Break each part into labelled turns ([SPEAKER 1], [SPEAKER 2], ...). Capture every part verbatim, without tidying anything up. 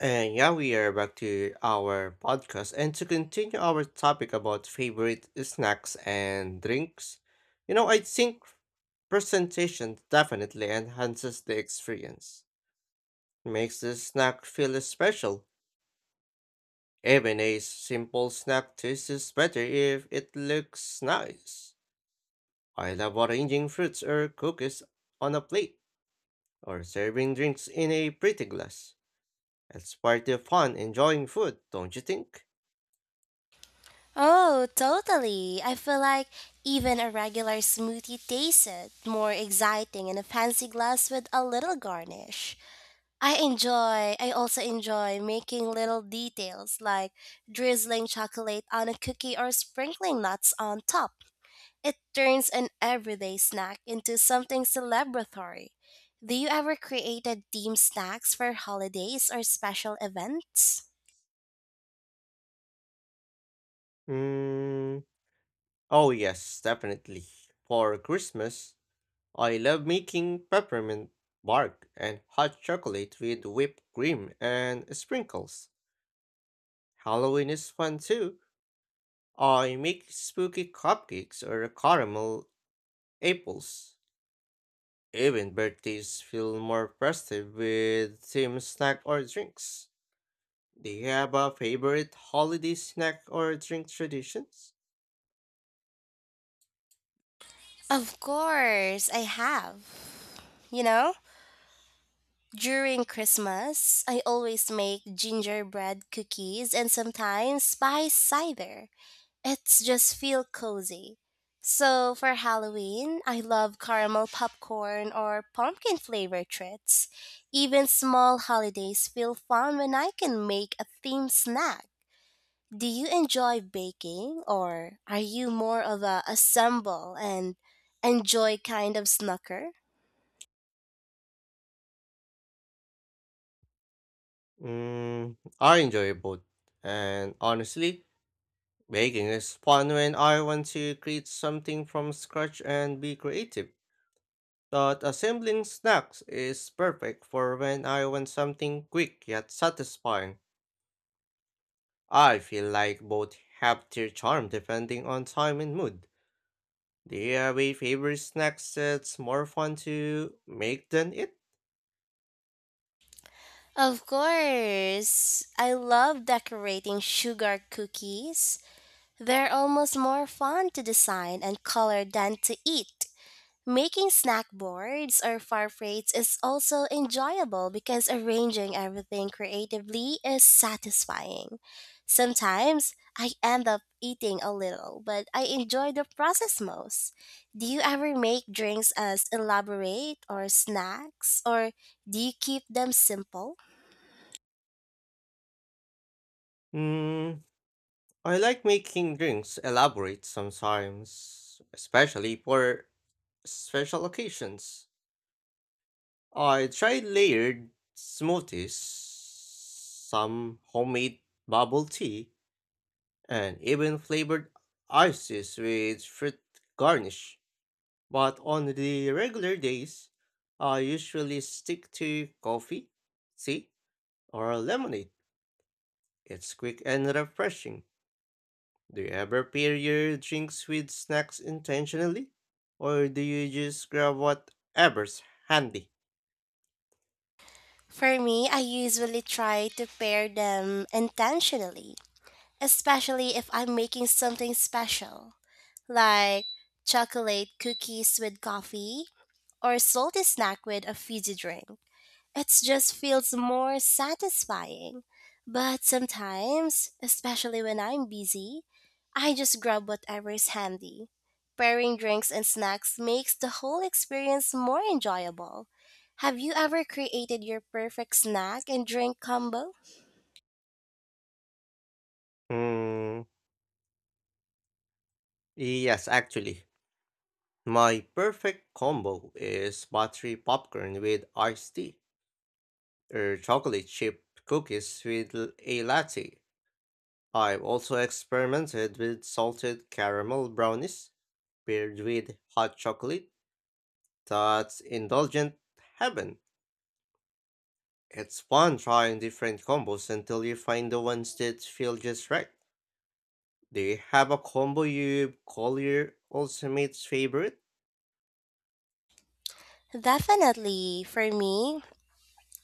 [SPEAKER 1] And yeah, we are back to our podcast. And to continue our topic about favorite snacks and drinks, you know, I think presentation definitely enhances the experience. Makes the snack feel special. Even a simple snack tastes better if it looks nice. I love arranging fruits or cookies on a plate, or serving drinks in a pretty glass. It's part of fun enjoying food, don't you think?
[SPEAKER 2] Oh, totally. I feel like even a regular smoothie tasted more exciting in a fancy glass with a little garnish. I enjoy, I also enjoy making little details like drizzling chocolate on a cookie or sprinkling nuts on top. It turns an everyday snack into something celebratory. Do you ever create a themed snacks for holidays or special events?
[SPEAKER 1] Hmm. Oh, yes, definitely. For Christmas, I love making peppermint bark and hot chocolate with whipped cream and sprinkles. Halloween is fun too. I make spooky cupcakes or caramel apples. Even birthdays feel more festive with themed snack or drinks. Do you have a favorite holiday snack or drink traditions?
[SPEAKER 2] Of course, I have. You know, during Christmas, I always make gingerbread cookies and sometimes spice cider. It's just feel cozy. So for Halloween, I love caramel popcorn or pumpkin flavor treats. Even small holidays feel fun when I can make a themed snack. Do you enjoy baking, or are you more of a assemble and enjoy kind of snacker?
[SPEAKER 1] Mm, I enjoy both, and honestly, baking is fun when I want to create something from scratch and be creative, but assembling snacks is perfect for when I want something quick yet satisfying. I feel like both have their charm depending on time and mood. Do you have a favorite snack that's more fun to make than it?
[SPEAKER 2] Of course. I love decorating sugar cookies. They're almost more fun to design and color than to eat. Making snack boards or far plates is also enjoyable because arranging everything creatively is satisfying. Sometimes I end up eating a little, but I enjoy the process most. Do you ever make drinks as elaborate or snacks, or do you keep them simple?
[SPEAKER 1] Mm, I like making drinks elaborate sometimes, especially for special occasions. I tried layered smoothies, some homemade bubble tea, and even flavored ices with fruit garnish. But on the regular days, I usually stick to coffee, tea, or lemonade. It's quick and refreshing. Do you ever pair your drinks with snacks intentionally? Or do you just grab whatever's handy?
[SPEAKER 2] For me, I usually try to pair them intentionally, especially if I'm making something special, like chocolate cookies with coffee or salty snack with a fizzy drink. It just feels more satisfying. But sometimes, especially when I'm busy, I just grab whatever is handy. Pairing drinks and snacks makes the whole experience more enjoyable. Have you ever created your perfect snack and drink combo?
[SPEAKER 1] Mm, yes, actually. My perfect combo is buttery popcorn with iced tea or chocolate chip cookies with l- a latte. I've also experimented with salted caramel brownies paired with hot chocolate. That's indulgent heaven. It's fun trying different combos until you find the ones that feel just right. Do you have a combo you call your ultimate favorite?
[SPEAKER 2] Definitely. For me,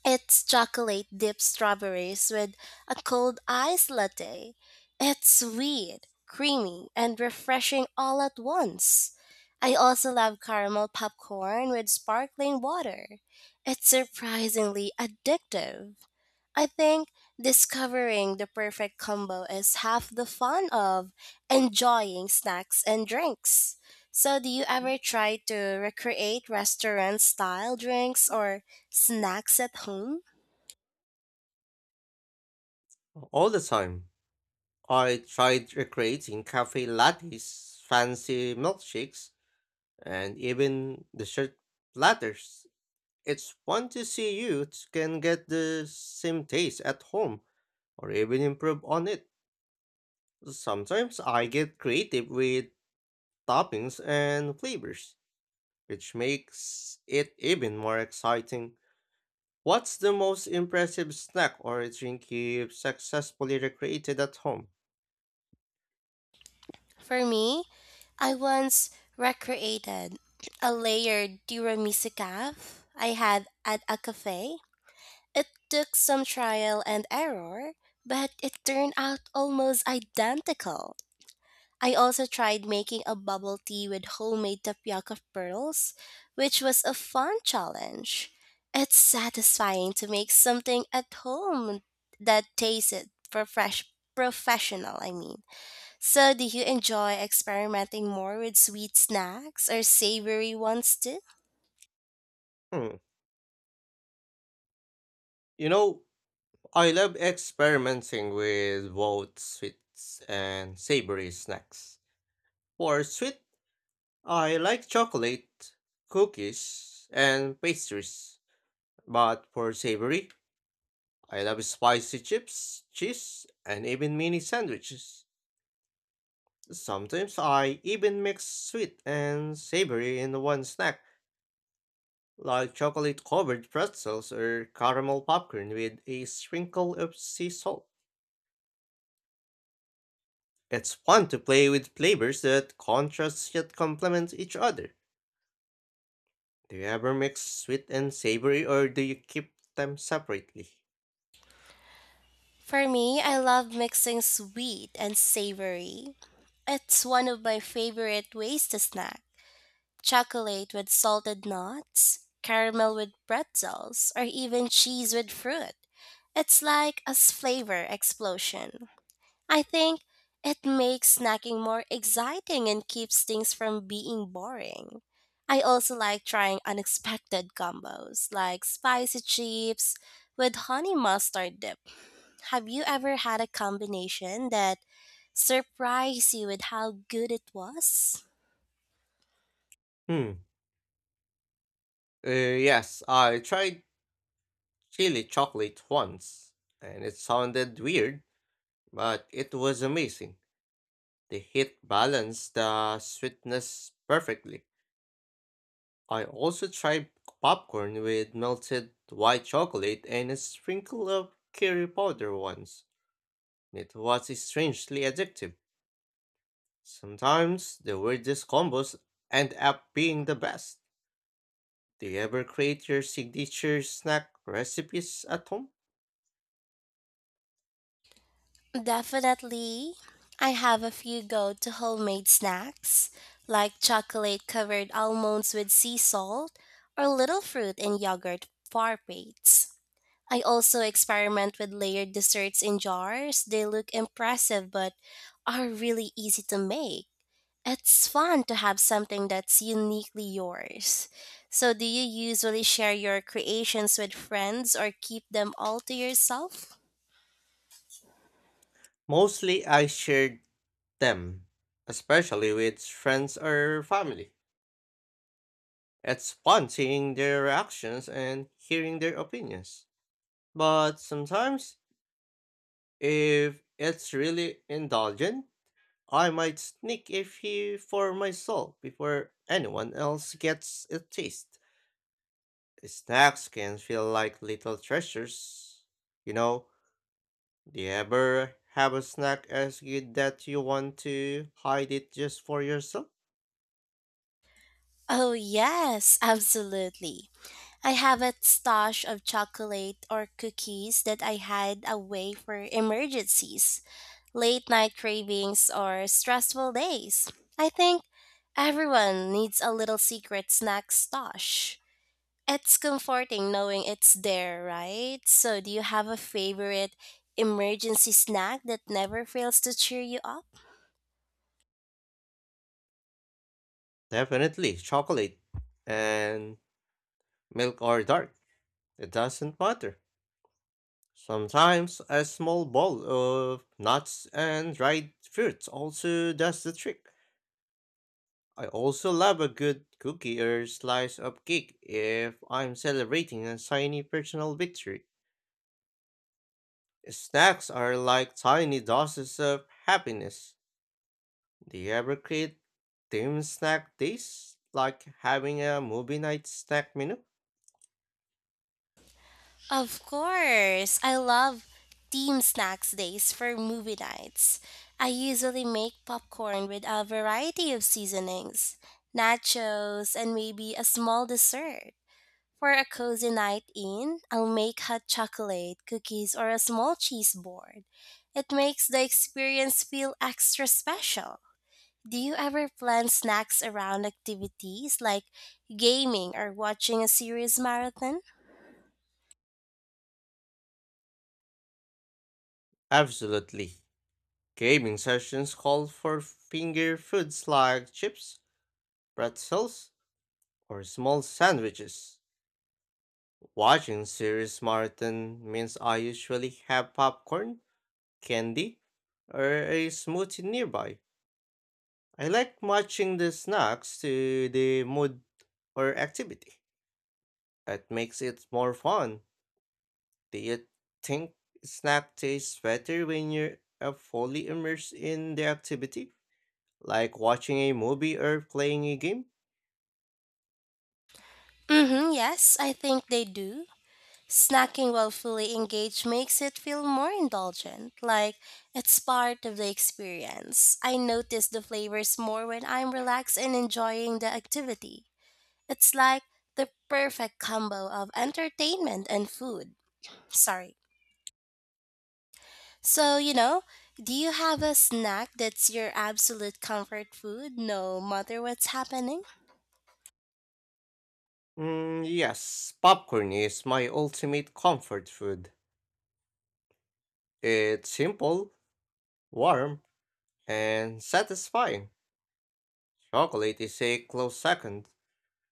[SPEAKER 2] it's chocolate dipped strawberries with a cold ice latte. It's sweet, creamy, and refreshing all at once. I also love caramel popcorn with sparkling water. It's surprisingly addictive. I think discovering the perfect combo is half the fun of enjoying snacks and drinks. So, do you ever try to recreate restaurant style drinks or snacks at home?
[SPEAKER 1] All the time. I tried recreating cafe lattes, fancy milkshakes, and even dessert platters. It's fun to see you can get the same taste at home or even improve on it. Sometimes I get creative with toppings and flavors, which makes it even more exciting. What's the most impressive snack or drink you've successfully recreated at home?
[SPEAKER 2] For me, I once recreated a layered tiramisu calf I had at a cafe. It took some trial and error, but it turned out almost identical. I also tried making a bubble tea with homemade tapioca pearls, which was a fun challenge. It's satisfying to make something at home that tasted for fresh professional, I mean. So, do you enjoy experimenting more with sweet snacks or savory ones too?
[SPEAKER 1] Hmm. You know, I love experimenting with both sweets and savory snacks. For sweet, I like chocolate, cookies, and pastries. But for savory, I love spicy chips, cheese, and even mini sandwiches. Sometimes I even mix sweet and savory in one snack, like chocolate covered pretzels or caramel popcorn with a sprinkle of sea salt. It's fun to play with flavors that contrast yet complement each other. Do you ever mix sweet and savory or do you keep them separately?
[SPEAKER 2] For me, I love mixing sweet and savory. It's one of my favorite ways to snack. Chocolate with salted nuts, caramel with pretzels, or even cheese with fruit. It's like a s- flavor explosion. I think it makes snacking more exciting and keeps things from being boring. I also like trying unexpected combos like spicy chips with honey mustard dip. Have you ever had a combination that surprised you with how good it was?
[SPEAKER 1] Hmm. Uh, yes, I tried chili chocolate once, and it sounded weird, but it was amazing. The heat balanced the sweetness perfectly. I also tried popcorn with melted white chocolate and a sprinkle of curry powder once. It was strangely addictive. Sometimes the weirdest combos end up being the best. Do you ever create your signature snack recipes at home?
[SPEAKER 2] Definitely. I have a few go to homemade snacks like chocolate covered almonds with sea salt or little fruit and yogurt parfaits. I also experiment with layered desserts in jars. They look impressive but are really easy to make. It's fun to have something that's uniquely yours. So, do you usually share your creations with friends or keep them all to yourself?
[SPEAKER 1] Mostly I shared them, especially with friends or family. It's fun seeing their reactions and hearing their opinions. But sometimes, if it's really indulgent, I might sneak a few for myself before anyone else gets a taste. Snacks can feel like little treasures. You know, do you ever have a snack as good that you want to hide it just for yourself?
[SPEAKER 2] Oh, yes, absolutely. I have a stash of chocolate or cookies that I hide away for emergencies, late night cravings, or stressful days. I think everyone needs a little secret snack stash. It's comforting knowing it's there, right? So, do you have a favorite emergency snack that never fails to cheer you up?
[SPEAKER 1] Definitely chocolate and milk or dark. It doesn't matter. Sometimes a small bowl of nuts and dried fruits also does the trick. I also love a good cookie or slice of cake if I'm celebrating a tiny personal victory. Snacks are like tiny doses of happiness. Do you ever create themed snack days, like having a movie night snack menu?
[SPEAKER 2] Of course. I love team snacks days for movie nights. I usually make popcorn with a variety of seasonings, nachos, and maybe a small dessert. For a cozy night in, I'll make hot chocolate, cookies, or a small cheese board. It makes the experience feel extra special. Do you ever plan snacks around activities like gaming or watching a series marathon?
[SPEAKER 1] Absolutely. Gaming sessions call for finger foods like chips, pretzels, or small sandwiches. Watching series marathon means I usually have popcorn, candy, or a smoothie nearby. I like matching the snacks to the mood or activity. That makes it more fun. Do you think snack tastes better when you're uh, fully immersed in the activity? Like watching a movie or playing a game?
[SPEAKER 2] Mm-hmm, yes, I think they do. Snacking while fully engaged makes it feel more indulgent, like it's part of the experience. I notice the flavors more when I'm relaxed and enjoying the activity. It's like the perfect combo of entertainment and food. Sorry. So, you know, do you have a snack that's your absolute comfort food no matter what's happening?
[SPEAKER 1] Mm, yes, popcorn is my ultimate comfort food. It's simple, warm, and satisfying. Chocolate is a close second,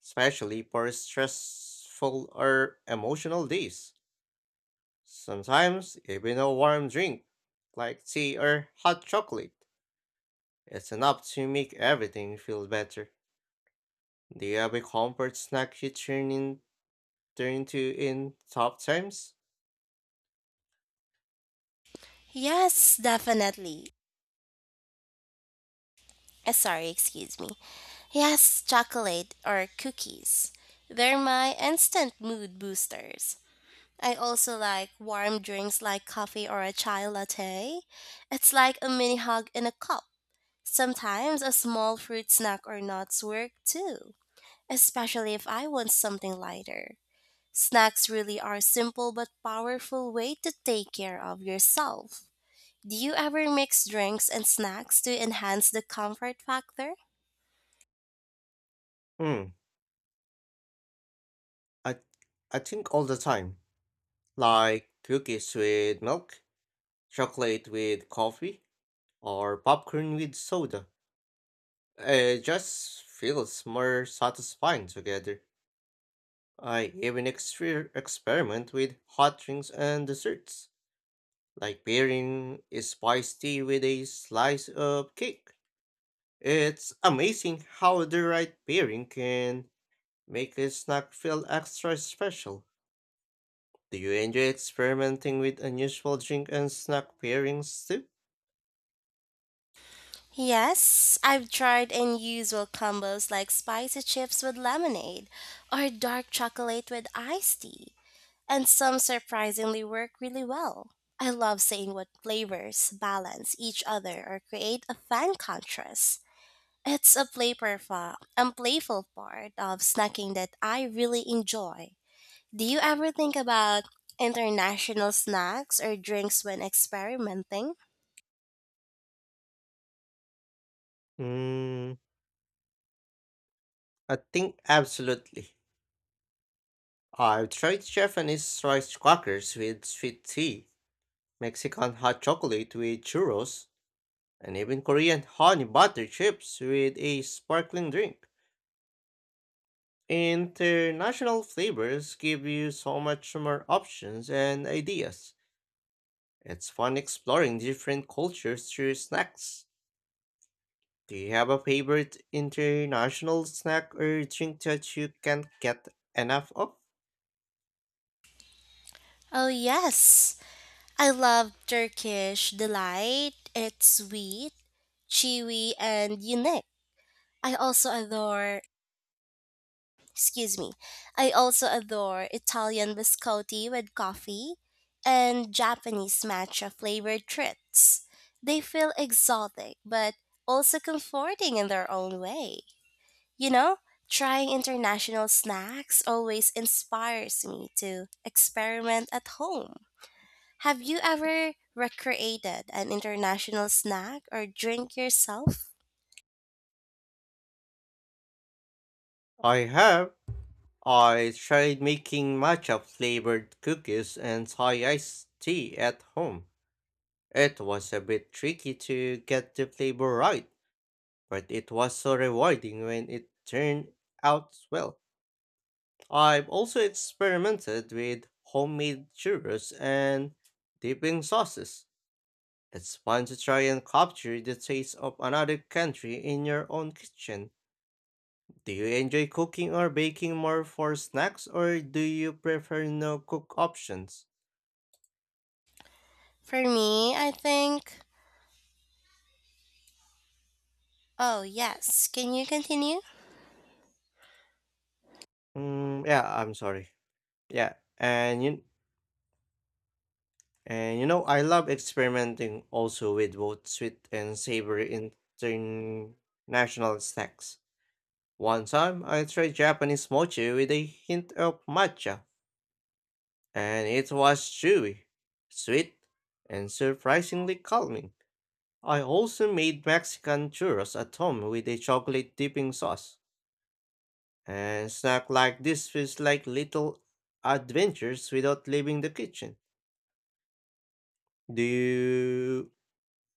[SPEAKER 1] especially for stressful or emotional days. Sometimes, even a warm drink, like tea or hot chocolate, is enough to make everything feel better. Do you have a comfort snack you turn in turn to in tough times?
[SPEAKER 2] Yes, definitely. Eh, sorry, excuse me. Yes, chocolate or cookies. They're my instant mood boosters. I also like warm drinks like coffee or a chai latte. It's like a mini hug in a cup. Sometimes a small fruit snack or nuts work too, especially if I want something lighter. Snacks really are simple but powerful way to take care of yourself. Do you ever mix drinks and snacks to enhance the comfort factor?
[SPEAKER 1] Hmm, I I think all the time, like cookies with milk, chocolate with coffee, or popcorn with soda. It just feels more satisfying together. I even exper- experiment with hot drinks and desserts, like pairing a spiced tea with a slice of cake. It's amazing how the right pairing can make a snack feel extra special. Do you enjoy experimenting with unusual drink and snack pairings too?
[SPEAKER 2] Yes, I've tried unusual combos like spicy chips with lemonade or dark chocolate with iced tea, and some surprisingly work really well. I love seeing what flavors balance each other or create a fun contrast. It's a playful and playful part of snacking that I really enjoy. Do you ever think about international snacks or drinks when experimenting?
[SPEAKER 1] Mm, I think absolutely. I've tried Japanese rice crackers with sweet tea, Mexican hot chocolate with churros, and even Korean honey butter chips with a sparkling drink. International flavors give you so much more options and ideas. It's fun exploring different cultures through snacks. Do you have a favorite international snack or drink that you can't get enough of?
[SPEAKER 2] Oh, yes. I love Turkish delight. It's sweet, chewy, and unique. I also adore, excuse me, I also adore Italian biscotti with coffee and Japanese matcha flavored treats. They feel exotic but also comforting in their own way. You know, trying international snacks always inspires me to experiment at home. Have you ever recreated an international snack or drink yourself?
[SPEAKER 1] I have. I tried making matcha flavored cookies and Thai iced tea at home. It was a bit tricky to get the flavor right, but it was so rewarding when it turned out well. I've also experimented with homemade churros and dipping sauces. It's fun to try and capture the taste of another country in your own kitchen. Do you enjoy cooking or baking more for snacks or do you prefer no cook options?
[SPEAKER 2] For me, I think. Oh, yes. Can you continue?
[SPEAKER 1] Mm, yeah, I'm sorry. Yeah, and you, and you know, I love experimenting also with both sweet and savory international snacks. One time, I tried Japanese mochi with a hint of matcha, and it was chewy, sweet, and surprisingly calming. I also made Mexican churros at home with a chocolate dipping sauce. And snack like this feels like little adventures without leaving the kitchen. Do you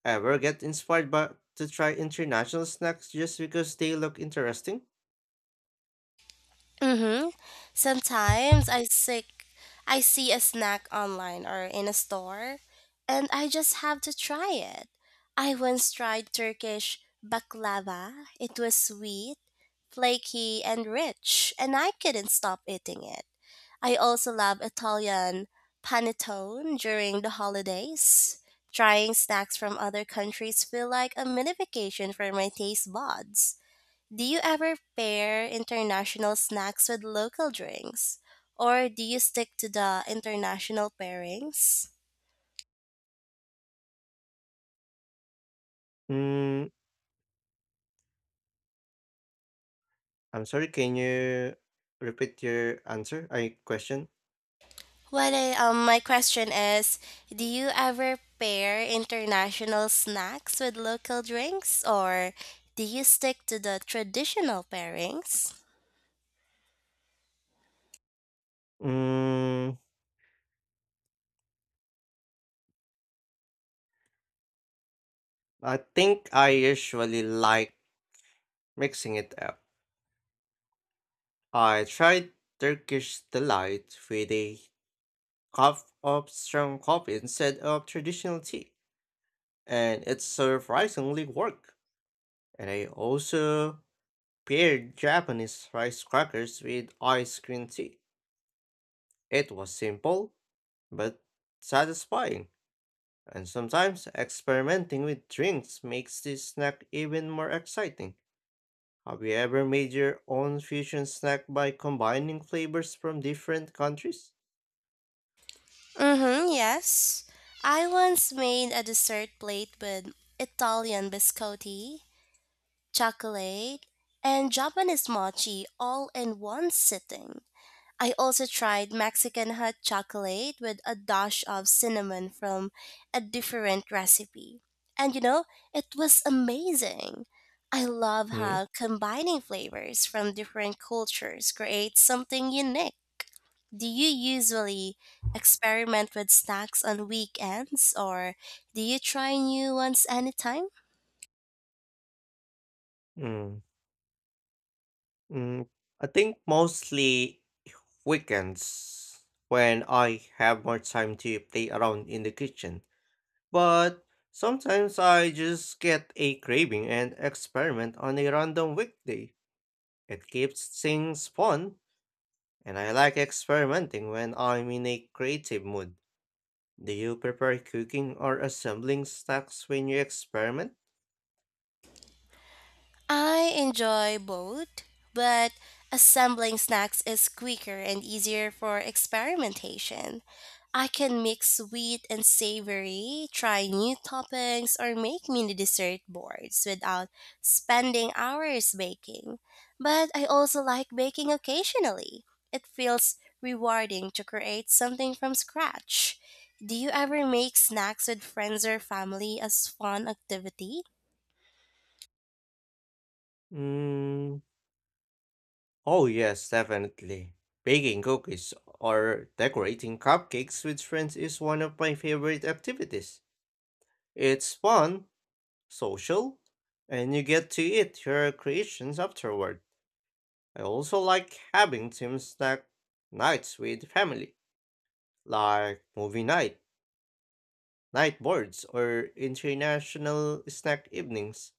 [SPEAKER 1] ever get inspired by to try international snacks just because they look interesting?
[SPEAKER 2] Mm-hmm. Sometimes I sick I see a snack online or in a store and I just have to try it. I once tried Turkish baklava. It was sweet, flaky and rich, and I couldn't stop eating it. I also love Italian panettone during the holidays. Trying snacks from other countries feel like a mini vacation for my taste buds. Do you ever pair international snacks with local drinks? Or do you stick to the international pairings?
[SPEAKER 1] Mm, I'm sorry, can you repeat your answer? I question.
[SPEAKER 2] What I, um, my question is, do you ever pair international snacks with local drinks? Or do you stick to the traditional pairings?
[SPEAKER 1] Mm, I think I usually like mixing it up. I tried Turkish delight with a cup of strong coffee instead of traditional tea, and it surprisingly worked. And I also paired Japanese rice crackers with ice cream tea. It was simple, but satisfying. And sometimes experimenting with drinks makes this snack even more exciting. Have you ever made your own fusion snack by combining flavors from different countries?
[SPEAKER 2] Mm-hmm, yes. I once made a dessert plate with Italian biscotti, chocolate, and Japanese mochi all in one sitting. I also tried Mexican hot chocolate with a dash of cinnamon from a different recipe. And you know, it was amazing. I love
[SPEAKER 1] Mm,
[SPEAKER 2] how combining flavors from different cultures creates something unique. Do you usually experiment with snacks on weekends or do you try new ones anytime?
[SPEAKER 1] mm, mm. I think mostly weekends when I have more time to play around in the kitchen. But sometimes I just get a craving and experiment on a random weekday. It keeps things fun, and I like experimenting when I'm in a creative mood. Do you prefer cooking or assembling snacks when you experiment?
[SPEAKER 2] I enjoy both, but assembling snacks is quicker and easier for experimentation. I can mix sweet and savory, try new toppings, or make mini dessert boards without spending hours baking. But I also like baking occasionally. It feels rewarding to create something from scratch. Do you ever make snacks with friends or family as fun activity?
[SPEAKER 1] Mm, Oh, yes, definitely. Baking cookies or decorating cupcakes with friends is one of my favorite activities. It's fun, social, and you get to eat your creations afterward. I also like having team snack nights with family, like movie night, night boards, or international snack evenings.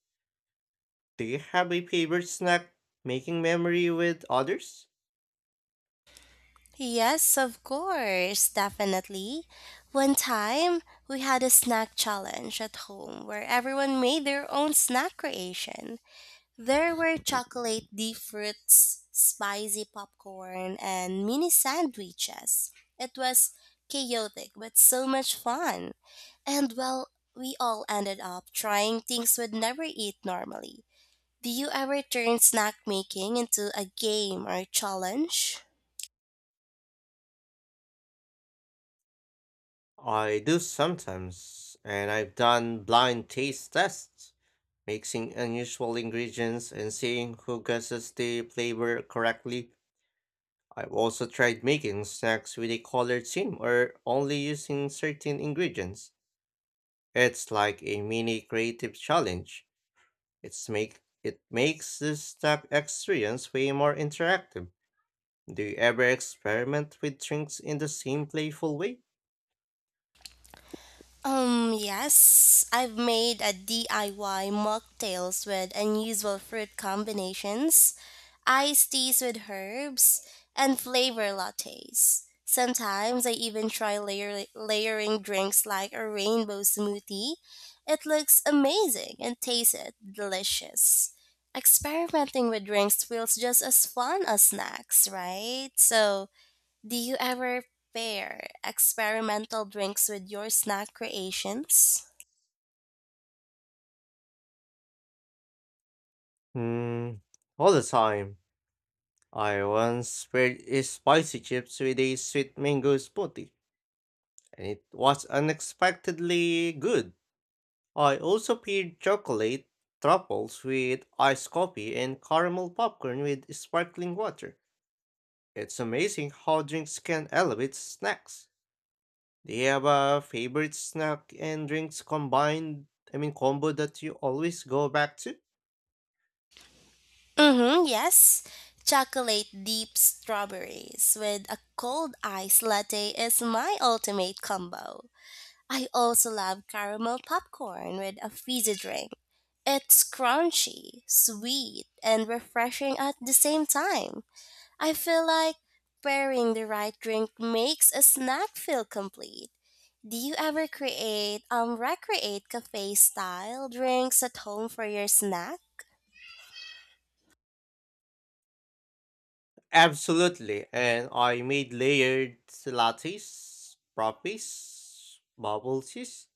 [SPEAKER 1] Do you have a favorite snack making memory with others?
[SPEAKER 2] Yes, of course, definitely. One time, we had a snack challenge at home where everyone made their own snack creation. There were chocolate deep fruits, spicy popcorn, and mini sandwiches. It was chaotic but so much fun. And well, we all ended up trying things we'd never eat normally. Do you ever turn snack making into a game or challenge?
[SPEAKER 1] I do sometimes, and I've done blind taste tests, mixing unusual ingredients and seeing who guesses the flavor correctly. I've also tried making snacks with a colored theme or only using certain ingredients. It's like a mini creative challenge. It's make it makes the snack experience way more interactive. Do you ever experiment with drinks in the same playful way?
[SPEAKER 2] Um, yes, I've made a D I Y mocktails with unusual fruit combinations, iced teas with herbs, and flavor lattes. Sometimes I even try layer- layering drinks like a rainbow smoothie. It looks amazing and tastes delicious. Experimenting with drinks feels just as fun as snacks, right? So, do you ever pair experimental drinks with your snack creations?
[SPEAKER 1] Hmm, all the time. I once paired a spicy chips with a sweet mango smoothie, and it was unexpectedly good. I also paired chocolate truffles with iced coffee and caramel popcorn with sparkling water. It's amazing how drinks can elevate snacks. Do you have a favorite snack and drinks combined? I mean, combo that you always go back to?
[SPEAKER 2] Mm-hmm, yes. Chocolate deep strawberries with a cold ice latte is my ultimate combo. I also love caramel popcorn with a fizzy drink. It's crunchy, sweet, and refreshing at the same time. I feel like pairing the right drink makes a snack feel complete. Do you ever create um recreate cafe style drinks at home for your snack?
[SPEAKER 1] Absolutely. And I made layered lattes, frappes, bubble teas,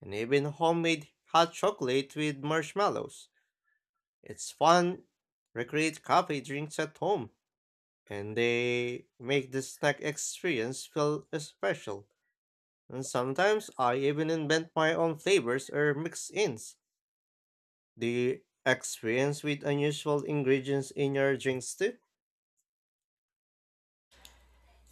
[SPEAKER 1] and even homemade hot chocolate with marshmallows. It's fun. Recreate coffee drinks at home, and they make the snack experience feel special. And sometimes I even invent my own flavors or mix-ins. Do you experience with unusual ingredients in your drinks too?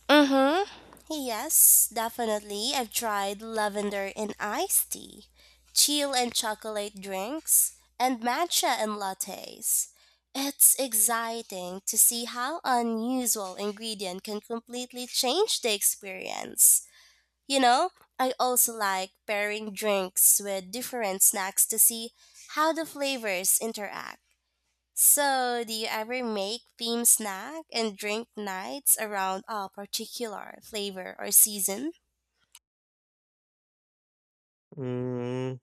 [SPEAKER 2] Mm-hmm. Yes, definitely. I've tried lavender and iced tea, chill and chocolate drinks, and matcha and lattes. It's exciting to see how unusual ingredient can completely change the experience. You know, I also like pairing drinks with different snacks to see how the flavors interact. So, do you ever make theme snack and drink nights around a particular flavor or season?
[SPEAKER 1] Mm,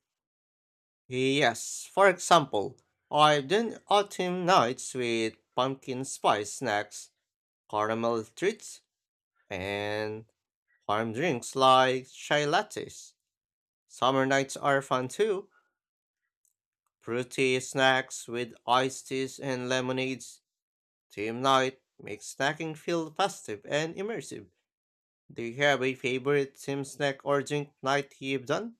[SPEAKER 1] yes. For example, I've done autumn nights with pumpkin spice snacks, caramel treats, and warm drinks like chai lattes. Summer nights are fun too. Fruity snacks with iced teas and lemonades. Team night makes snacking feel festive and immersive. Do you have a favorite team snack or drink night you've done?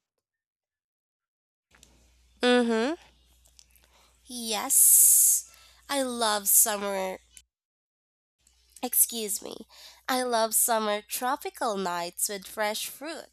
[SPEAKER 2] Mm-hmm. Yes. I love summer, excuse me. I love summer tropical nights with fresh fruit,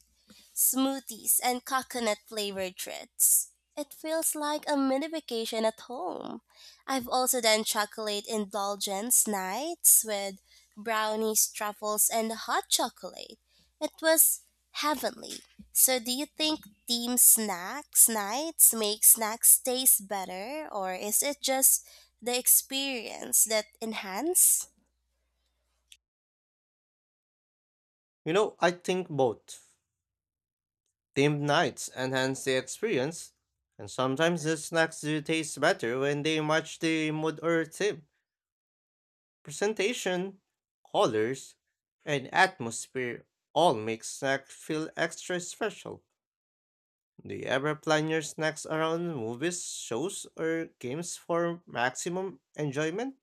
[SPEAKER 2] smoothies, and coconut flavored treats. It feels like a mini vacation at home. I've also done chocolate indulgence nights with brownies, truffles, and hot chocolate. It was heavenly. So, do you think team snacks nights make snacks taste better, or is it just the experience that enhance?
[SPEAKER 1] You know, I think both. Team nights enhance the experience, and sometimes the snacks do taste better when they match the mood or theme. Presentation, colors, and atmosphere all make snack feel extra special. Do you ever plan your snacks around movies, shows, or games for maximum enjoyment?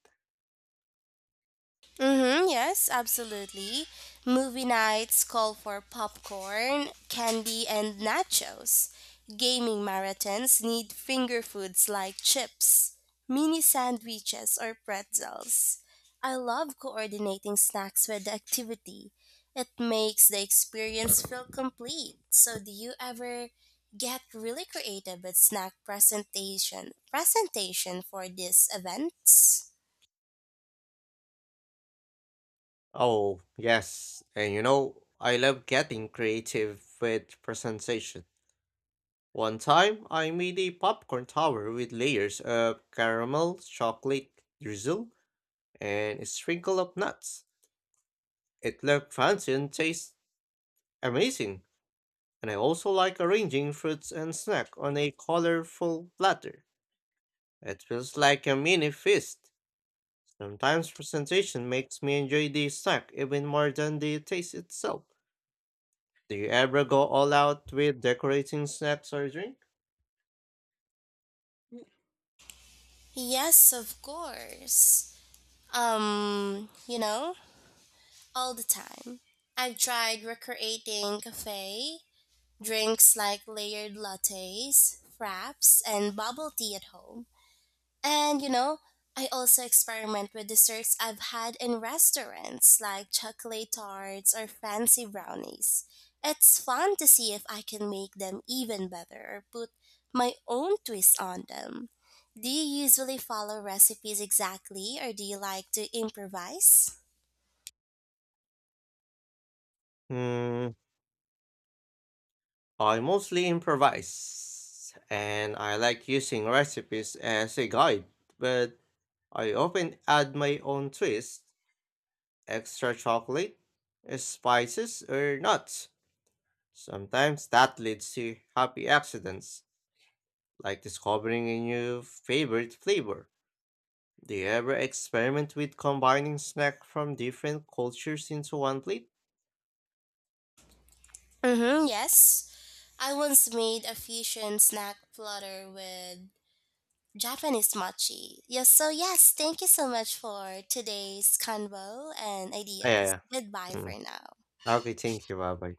[SPEAKER 2] Mm-hmm, yes, absolutely. Movie nights call for popcorn, candy, and nachos. Gaming marathons need finger foods like chips, mini sandwiches, or pretzels. I love coordinating snacks with the activity. It makes the experience feel complete. So, do you ever get really creative with snack presentation presentation for these events?
[SPEAKER 1] Oh, yes. And you know, I love getting creative with presentation. One time, I made a popcorn tower with layers of caramel, chocolate drizzle, and a sprinkle of nuts. It looked fancy and tastes amazing. And I also like arranging fruits and snack on a colorful platter. It feels like a mini feast. Sometimes presentation makes me enjoy the snack even more than the taste itself. Do you ever go all out with decorating snacks or drink?
[SPEAKER 2] Yes, of course. Um, you know, all the time. I've tried recreating cafe drinks like layered lattes, fraps, and bubble tea at home. And you know, I also experiment with desserts I've had in restaurants like chocolate tarts or fancy brownies. It's fun to see if I can make them even better or put my own twist on them. Do you usually follow recipes exactly or do you like to improvise?
[SPEAKER 1] Hmm, I mostly improvise, and I like using recipes as a guide, but I often add my own twist, extra chocolate, uh, spices, or nuts. Sometimes that leads to happy accidents, like discovering a new favorite flavor. Do you ever experiment with combining snack from different cultures into one plate?
[SPEAKER 2] Mm-hmm, yes. I once made a fusion snack platter with Japanese mochi. Yes, so yes, thank you so much for today's convo and
[SPEAKER 1] Yeah,
[SPEAKER 2] ideas.
[SPEAKER 1] yeah,
[SPEAKER 2] Goodbye
[SPEAKER 1] yeah. Hmm.
[SPEAKER 2] for now.
[SPEAKER 1] Ah, okay, thank you. Bye bye.